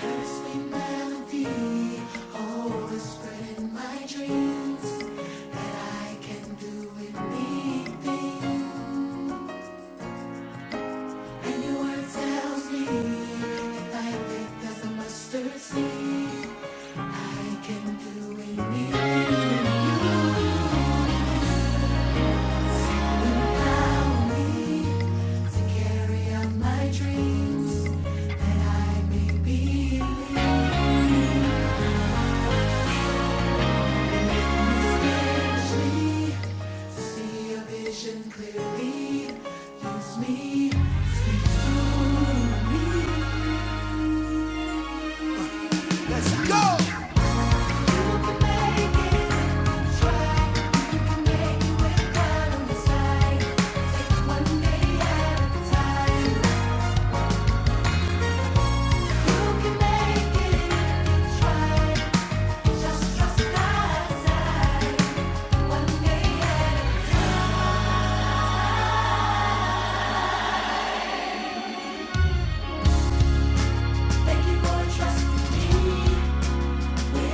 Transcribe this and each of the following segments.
Carry out my dreams that I may believe. Thank you for trusting me. Help me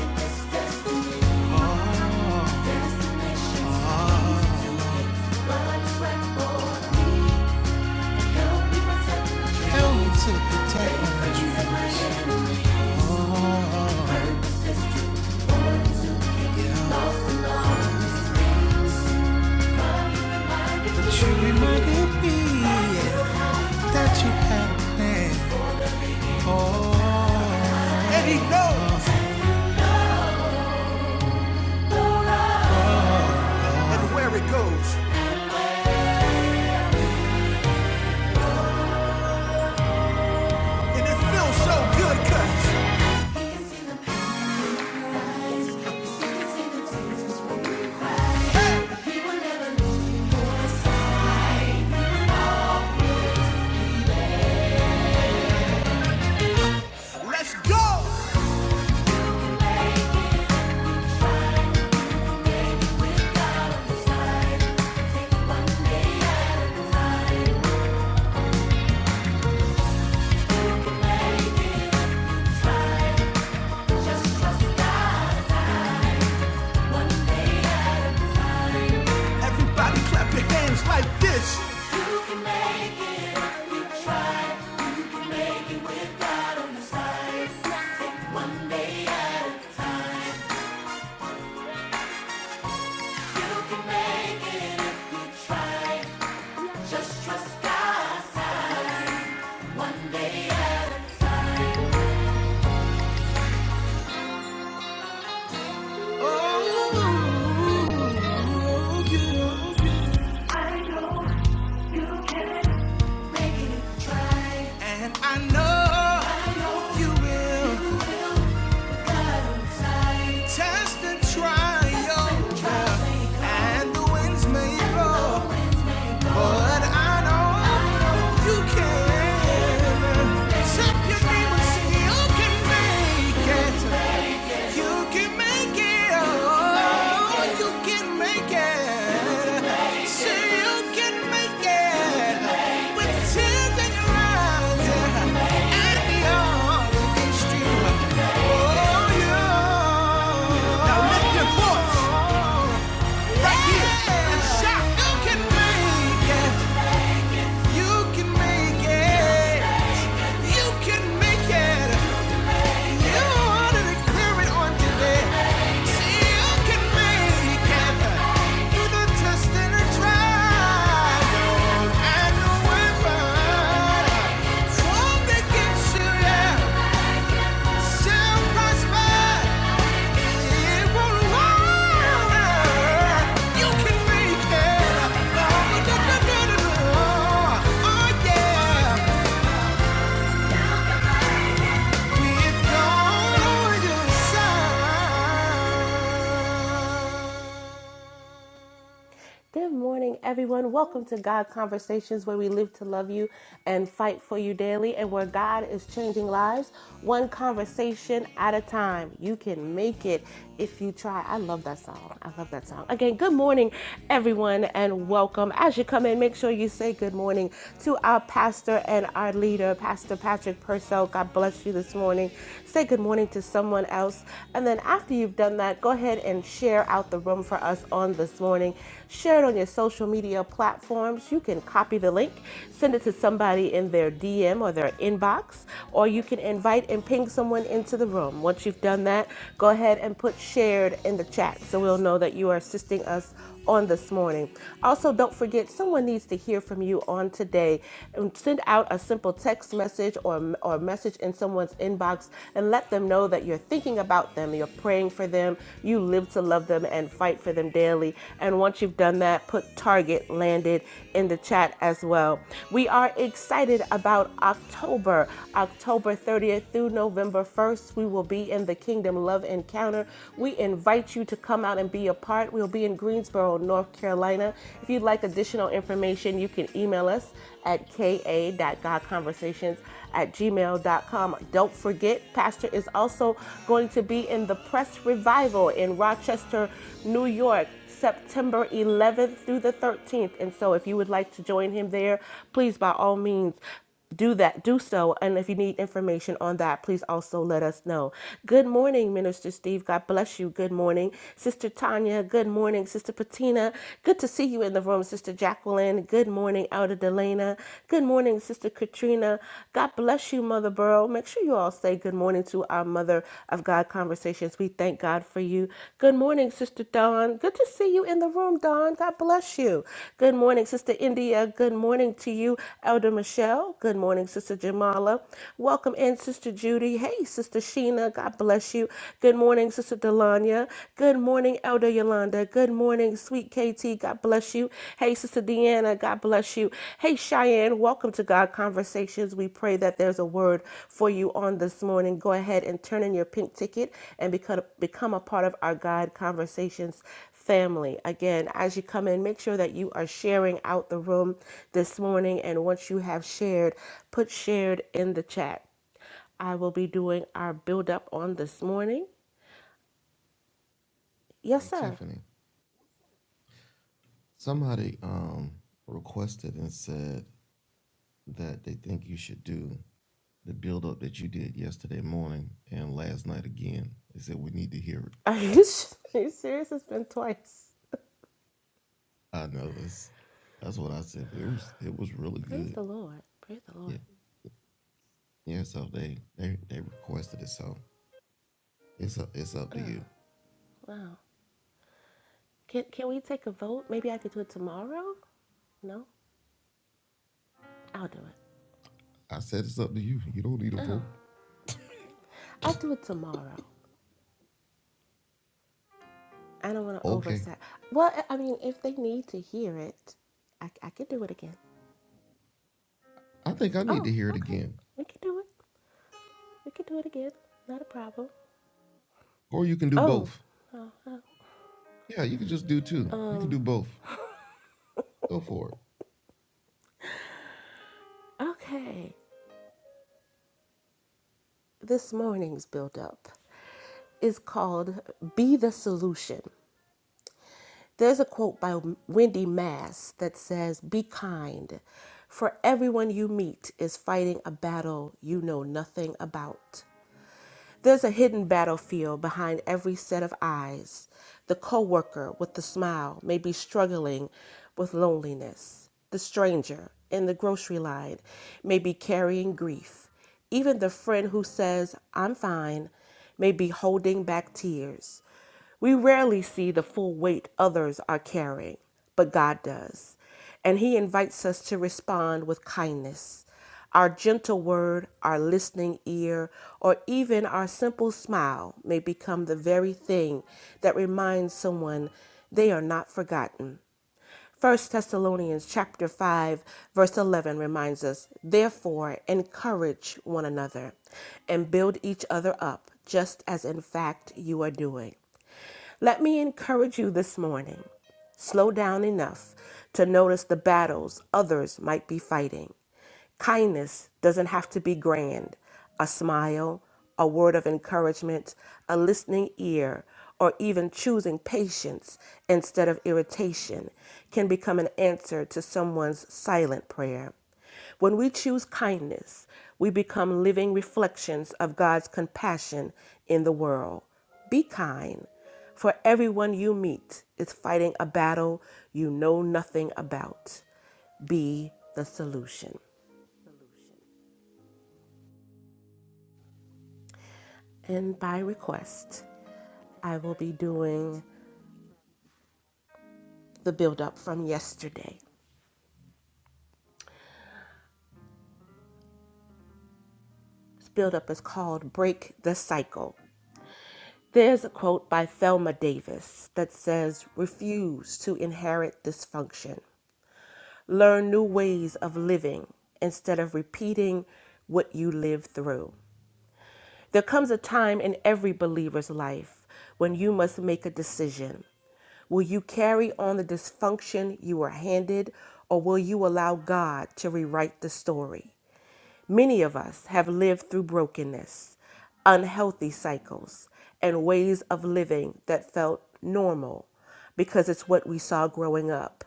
to protect my dreams. Yeah. you reminded me that you had a plan. Oh. And he knows everywhere it goes. And it feels so good, cuz Let's go! One day at a time. Everybody clap your hands like this. You you You You try. you can can can make make make it it it if if try. try. with God on the side. Take one One day day at at a a time. time. time. Just trust God's time. One day at a time. Oh, yeah. I know you can make it. Try. And I know you will test and try Test your trials may come, And the winds may blow, but I know you can Tap your neighbor, Try. say you can make it. You can make it. Oh, you can make it. Say you can make it. With tears in your eyes yeah, and the arms against you. Oh, you. Now lift your voice right here and shout. You can make it. You can make it. You can make it. Oh yeah. Good morning, everyone. Welcome to God Conversations, where we live to love you and fight for you daily, and where God is changing lives one conversation at a time. You can make it if you try. I love that song. I love that song. Again, good morning, everyone, and welcome. As you come in, make sure you say good morning to our pastor and our leader, Pastor Patrick Purcell. God bless you this morning. Say good morning to someone else. And then after you've done that, go ahead ahead and share out the room for us on this morning. Share it on your social media platforms. You can copy the link, send it to somebody in their DM or their inbox, or you can invite and ping someone into the room. Once you've done that, go ahead and put shared in the chat so we'll know that you are assisting us on this morning. Also, don't forget someone needs to hear from you on today. And send out a simple text message or or message in someone's inbox and and let them know that you're thinking about them, you're praying for them, you live to love them and fight for them daily. And once you've done that, put Target landed in the chat as well. We are excited about October, October 30th through November 1st. We will be in the Kingdom Love Encounter. We invite you to come out and be a part. We'll be in Greensboro, North Carolina. If you'd like additional information, you can email us at ka dot god ka.godconversations conversations at gmail dot com. Don't forget, Pastor is also going to be in the press revival in Rochester, New York, September 11th through the 13th. And so if you would like to join him there, please by all means do that, do so. And if you need information on that, please also let us know. Good morning, Minister Steve. God bless you. Good morning, Sister Tanya. Good morning, Sister Patina. Good to see you in the room, Sister Jacqueline. Carolyn. Good morning, Elder Delana. Good morning, Sister Katrina. God bless you, Mother Burrow. Make sure you all say good morning to our Mother of God Conversations. We thank God for you. Good morning, Sister Dawn. Good to see you in the room, Dawn. God bless you. Good morning, Sister India. Good morning to you, Elder Michelle. Good morning, Sister Jamala. Welcome in, Sister Judy. Hey, Sister Sheena. God bless you. Good morning, Sister Delanya. Good morning, Elder Yolanda. Good morning, sweet KT. God bless you. Hey, Sister Deanna. God bless you. Hey, Cheyenne. Welcome to God Conversations. We pray that there's a word for you on this morning. Go ahead and turn in your pink ticket and become, become a part of our God Conversations family. Again, as you come in, make sure that you are sharing out the room this morning. And once you have shared, put shared in the chat. I will be doing our build up on this morning. Yes, sir. Are you, are you serious? It's been twice. Praise the Lord. Praise the Lord. Wow. Can, can we take a vote? Maybe I could do it tomorrow? No? I'll do it. Oh. I'll do it tomorrow. I don't want to oversat. Well, I I mean, if they need to hear it, I, I could do it again. Oh, okay. We could do it. We could do it again. Not a problem. Oh. oh, oh. Um, okay. This morning's build up is called Be the Solution. There's a quote by Wendy Mass that says, Be kind, for everyone you meet is fighting a battle you know nothing about. There's a hidden battlefield behind every set of eyes. The coworker with the smile may be struggling with loneliness. The stranger in the grocery line may be carrying grief. Even the friend who says, I'm fine, may be holding back tears. We rarely see the full weight others are carrying, but God does. And He invites us to respond with kindness. Our gentle word, our listening ear, or even our simple smile may become the very thing that reminds someone they are not forgotten. First Thessalonians chapter 5 verse 11 reminds us, "Therefore encourage one another and build each other up, just as in fact you are doing." Let me encourage you this morning. Slow down enough to notice the battles others might be fighting. Kindness doesn't have to be grand. A smile, a word of encouragement, a listening ear, or even choosing patience instead of irritation can become an answer to someone's silent prayer. When we choose kindness, we become living reflections of God's compassion in the world. Be kind, for everyone you meet is fighting a battle you know nothing about. Be the solution. And by request, I will be doing the build up from yesterday. This build up is called Break the Cycle. There's a quote by Thelma Davis that says, Refuse to inherit dysfunction. Learn new ways of living instead of repeating what you lived through. There comes a time in every believer's life when you must make a decision. Will you carry on the dysfunction you were handed, or will you allow God to rewrite the story? Many of us have lived through brokenness, unhealthy cycles, and ways of living that felt normal because it's what we saw growing up.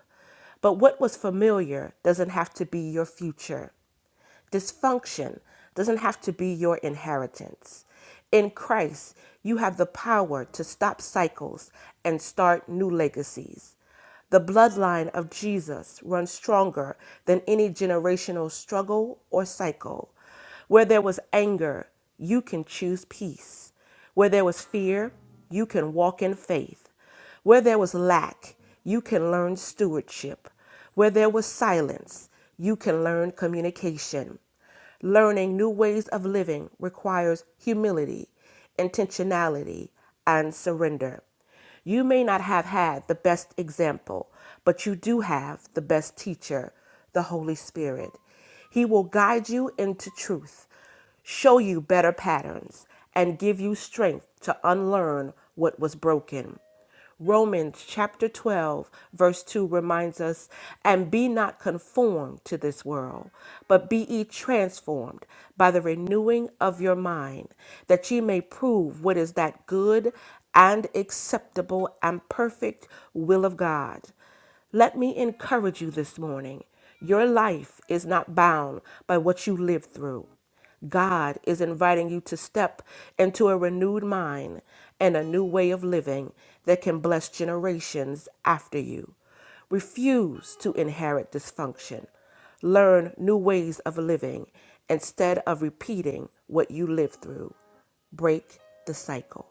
But what was familiar doesn't have to be your future. Dysfunction doesn't have to be your inheritance. In Christ, you have the power to stop cycles and start new legacies. The bloodline of Jesus runs stronger than any generational struggle or cycle. Where there was anger, you can choose peace. Where there was fear, you can walk in faith. Where there was lack, you can learn stewardship. Where there was silence, you can learn communication. Learning new ways of living requires humility, intentionality, and surrender. You may not have had the best example, but you do have the best teacher, the Holy Spirit. He will guide you into truth, show you better patterns, and give you strength to unlearn what was broken. Romans chapter 12, verse 2 reminds us, and be not conformed to this world, but be ye transformed by the renewing of your mind, that ye may prove what is that good and acceptable and perfect will of God. Let me encourage you this morning. Your life is not bound by what you lived through. God is inviting you to step into a renewed mind and a new way of living that can bless generations after you. Refuse to inherit dysfunction. Learn new ways of living instead of repeating what you lived through. Break the cycle.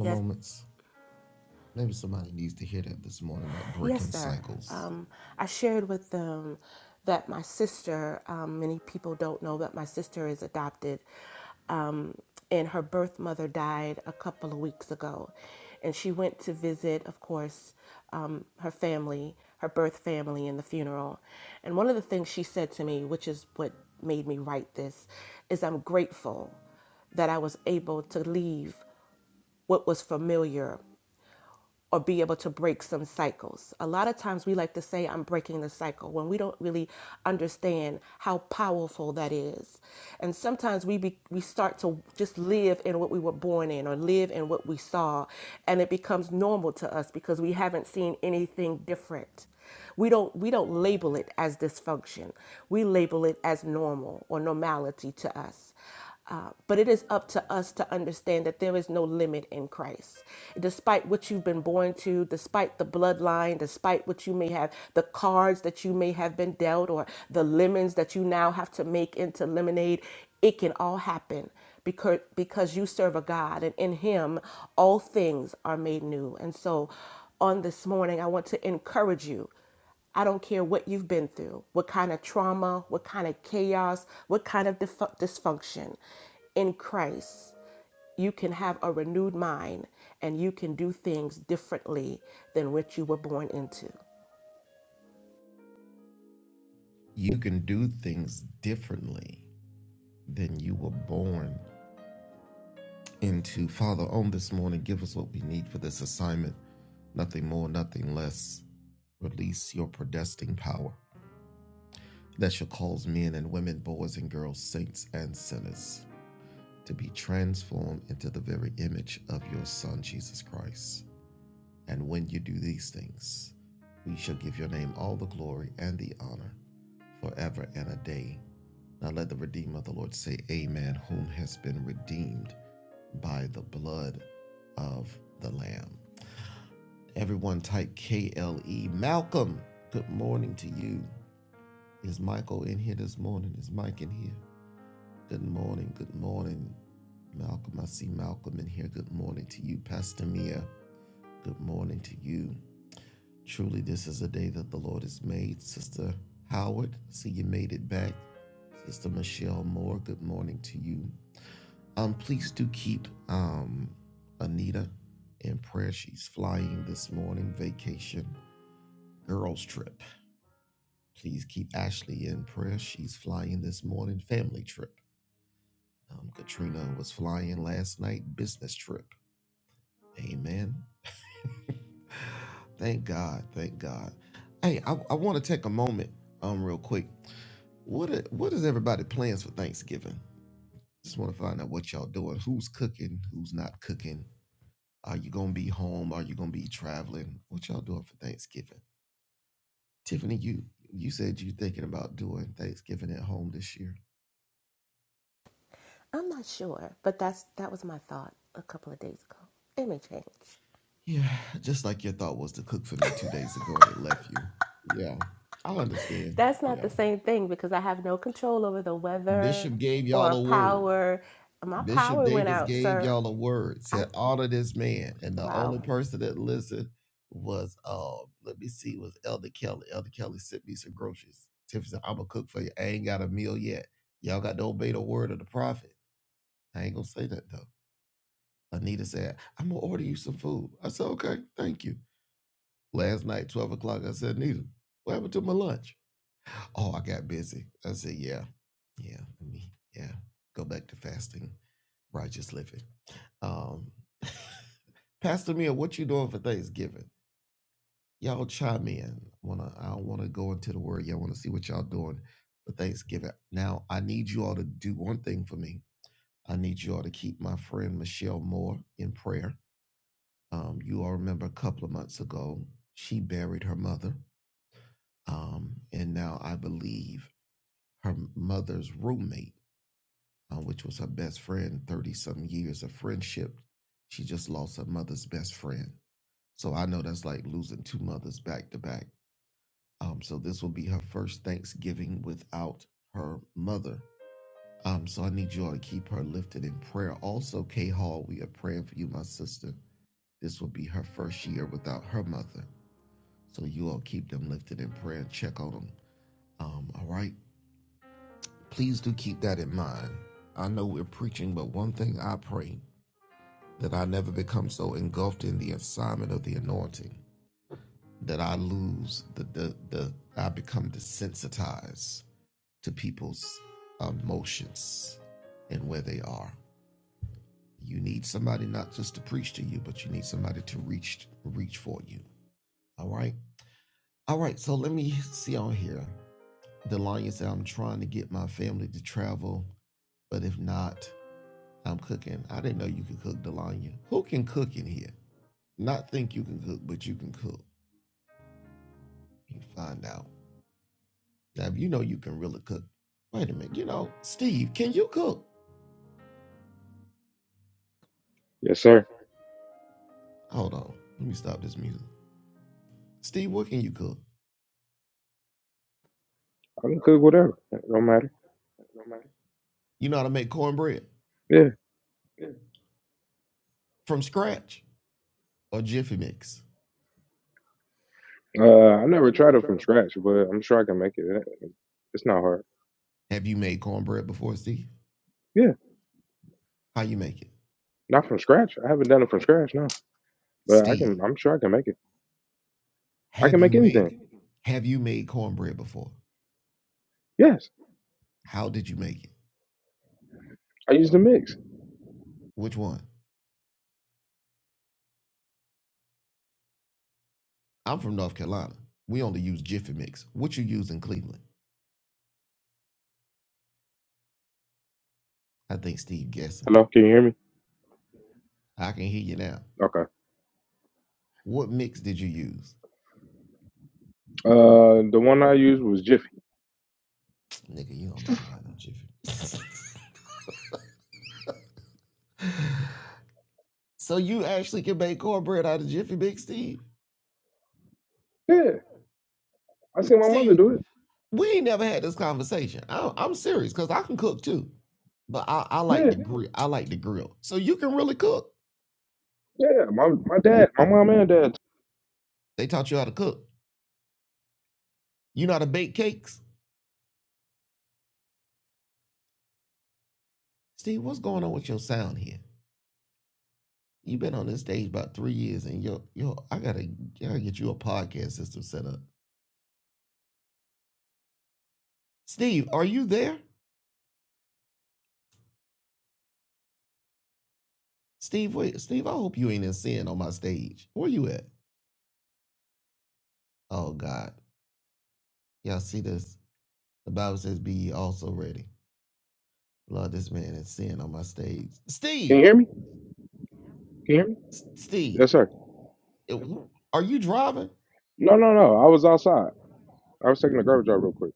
Yes, Yes, sir. Um, I shared with them that my sister, um, many people don't know that my sister is adopted, um, and her birth mother died a couple of weeks ago. And she went to visit, of course, um, her family, her birth family, in the funeral. And one of the things she said to me, which is what made me write this, is I'm grateful that I was able to leave what was familiar or be able to break some cycles. A lot of times we like to say, I'm breaking the cycle, when we don't really understand how powerful that is. And sometimes we, be, we start to just live in what we were born in or live in what we saw, and it becomes normal to us because we haven't seen anything different. We don't we don't label it as dysfunction. We label it as normal or normality to us. Uh, but it is up to us to understand that there is no limit in Christ. Despite what you've been born to, despite the bloodline, despite what you may have, the cards that you may have been dealt, or the lemons that you now have to make into lemonade, it can all happen because because you serve a God and in him all things are made new. And so on this morning I want to encourage you I don't care what you've been through, what kind of trauma, what kind of chaos, what kind of dysfu- dysfunction. In Christ, you can have a renewed mind and you can do things differently than what you were born into. I'm not sure, but that's that was my thought a couple of days ago. It may change. That's not the same thing because I have no control over the weather or power. My power went out, sir. I wow. Yes, sir. I can cook whatever. It don't matter. Yeah. Uh, I never tried it from scratch, but I'm sure I can make it. It- It's not hard. Yeah. Not from scratch. I haven't done it from scratch, no. But I can. I'm sure I can make it. I can make anything. Yes. I use the mix. Hello. Can you hear me? Okay. Uh, the one I used was Jiffy. Yeah. I seen my mother do it. Yeah. Yeah. My my dad. My mom and dad. Can you hear me? Can you hear me? Yes, sir. No, no, no. I was outside. I was taking the garbage out real quick.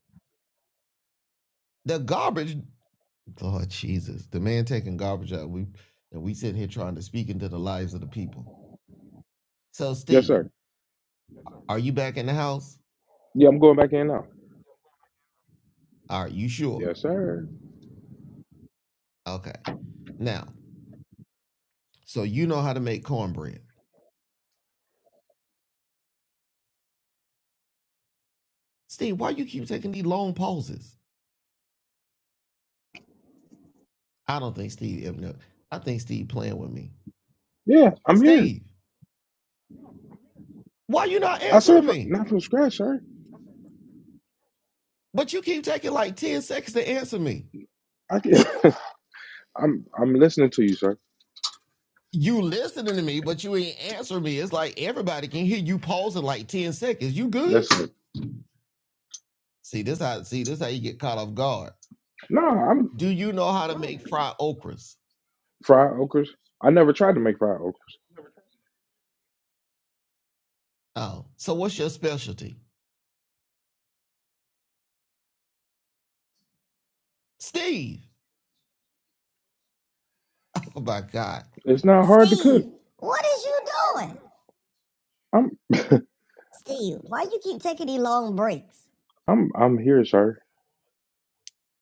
Yes, sir. Yeah, I'm going back in now. Yes, sir. Yeah, I'm here. I said for, not from scratch, sir. I can. I'm I'm listening to you, sir. Yes, sir. No, I'm fried okras. I never tried to make fried okras. It's not hard to cook. Steve, what is you doing? I'm Steve, why you keep taking these long breaks? I'm I'm here, sir.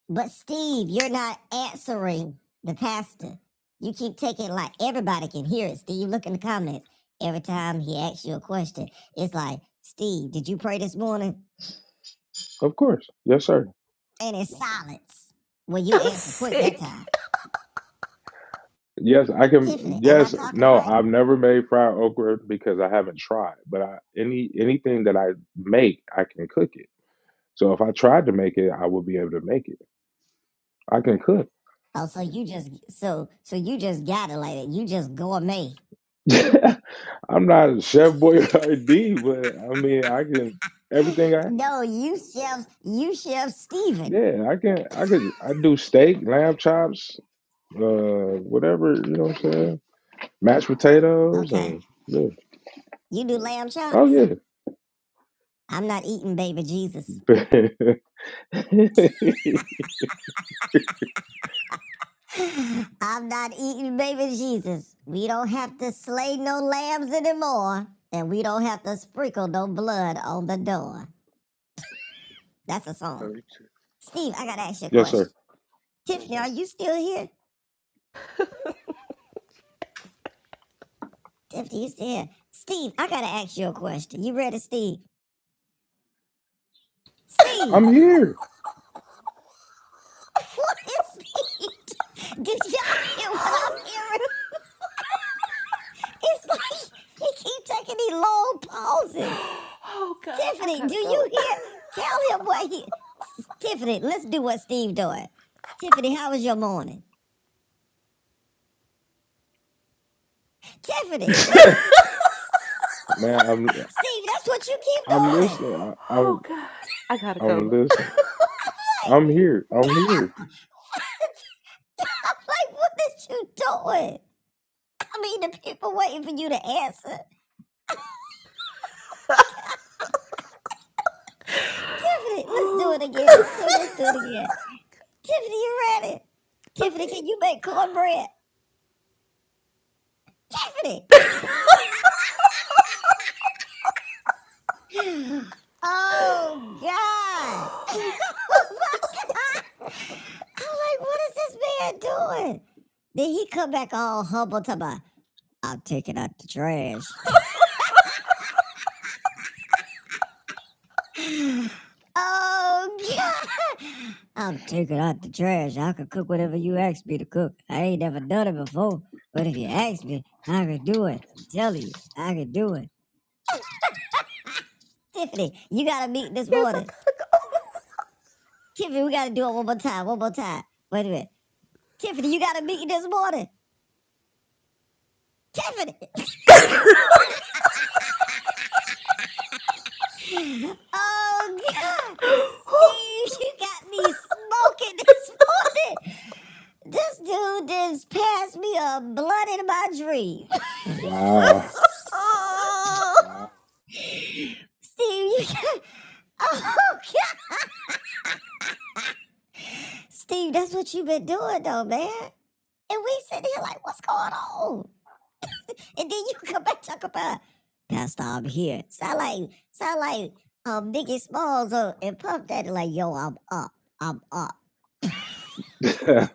But Steve, you're not answering the pastor. You keep taking like everybody can hear it. Steve, look in the comments. Every time he asks you a question, it's like, Steve, did you pray this morning? Of course. Yes, sir. And it's silence. Well, you I'm answer quick that sick. time. Yes, I can. Tiffany, am I Yes, talking no, right? I've never made fried okra because I haven't tried. But I, any anything that I make, I can cook it. So if I tried to make it, I would be able to make it. I can cook. Oh, so you just so so you just got it like that. You just gourmet. I'm not a chef boy or D, but I mean I can everything I No, you chef you chef Steven. yeah, I can I could I do steak, lamb chops, uh whatever, you know what I'm saying? Mashed potatoes Okay. and yeah. You do lamb Oh chops. yeah. I'm not eating baby Jesus. I'm not eating baby Jesus. We don't have to slay no lambs anymore. And we don't have to sprinkle no blood on the door. That's a song. Steve, I gotta ask you a yes, sir. question. Tiffany, are you still here? Tiffany, you still here. Steve, I gotta ask you a question. You ready, Steve? Steve! I'm here. What is he? Did y'all hear what I'm hearing? It's like he keep taking these long pauses. Oh God, I Tiffany, do gotta you go. hear? Tell him what he. Tiffany, let's do what Steve doing. Tiffany, how was your morning? Tiffany, Man, I'm Steve, that's what you keep I'm doing. listening. I, Oh I'm God, I gotta I'm go. listening. Like, I'm here. I'm here. damn. I'm like, what is you doing? I mean, the people waiting for you to answer. Tiffany, let's do it Oh again. God. Tiffany, let's do it again. Tiffany, you ready? Tiffany, okay. can you make cornbread? Tiffany! Oh, God. oh, my God. I'm like, what is this man doing? Then he come back all humble, talking about, I'm taking out the trash. oh, God. I'm taking out the trash. I can cook whatever you ask me to cook. I ain't never done it before, but if you ask me, I can do it. I'm telling you, I can do it. Tiffany, you got a meeting this Yes, I morning. gotta go. Tiffany, we gotta do it one more time. One more time. Wait a minute. Tiffany, you got to meet me this morning. Tiffany. Oh God. Steve, you got me smoking this morning. This dude just passed me a blunt in my dream. Wow. Oh. Steve, you got Oh God. Steve, that's what you've been doing though, man. And we sitting here like, what's going on? And then you come back talk about Pastor, I'm here. Sound like sound like um Biggie Smalls uh, and Puff Daddy like, yo, I'm up, I'm up. yes,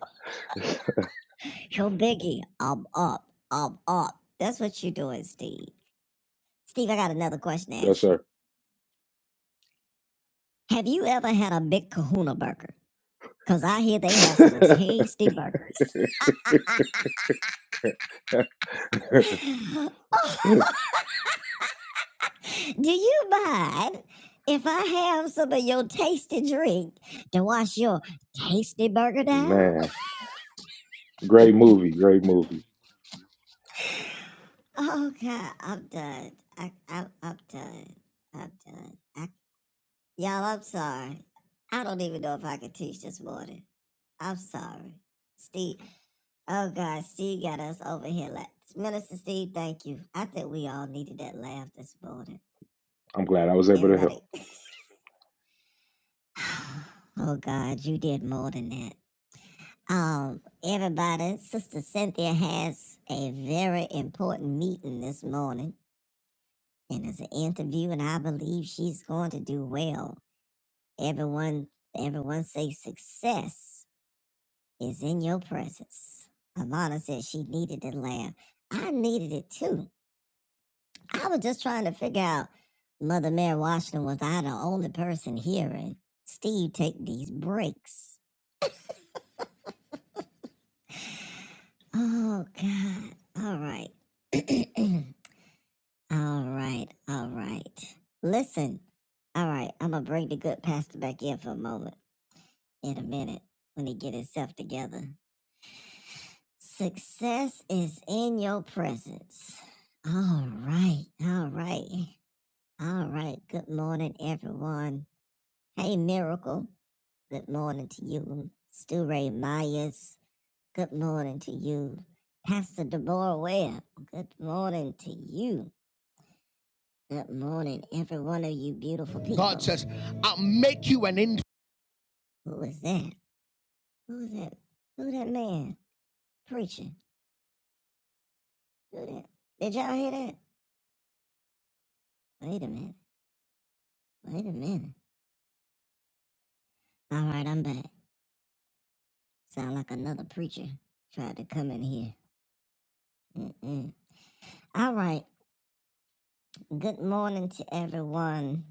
Yo, Biggie, I'm up, I'm up. That's what you're doing, Steve. Steve, I got another question to ask you. Have you ever had a big kahuna burger? Cause I hear they have some sir. tasty burgers. Oh, Do you mind if I have some of your tasty drink to wash your tasty burger down? Man, great movie, great movie. Oh God, I'm done. I, I, I'm done. I'm done. I, y'all, I'm sorry. I don't even know if I could teach this morning. I'm sorry. Steve, oh God, Steve got us over here. Like, Minister Steve, thank you. I think we all needed that laugh this morning. I'm glad I was able to help. Everybody. Oh God, you did more than that. Um, everybody, Sister Cynthia has a very important meeting this morning. and it's an interview, and I believe she's going to do well. Everyone, everyone say success is in your presence. Alana said she needed to laugh. I needed it too. I was just trying to figure out, Mother Mary Washington, was I the only person hearing Steve take these breaks? Oh God! All right, all right, all right. Listen, all right. I'm gonna bring the good pastor back in for a moment. in a minute when he get himself together. Success is in your presence. All right, all right, all right. Good morning, everyone. Hey, Miracle. Good morning to you, Stu Ray Myers. Good morning to you, Pastor Deborah Webb. Good morning to you. Good morning, every one of you beautiful people. God says, "Who is that? Who is that? Who that man preaching? Who that? Did y'all hear that? Wait a minute. Wait a minute. All right, I'm back. Sound like another preacher tried to come in here. Mm-mm. All right. Good morning to everyone.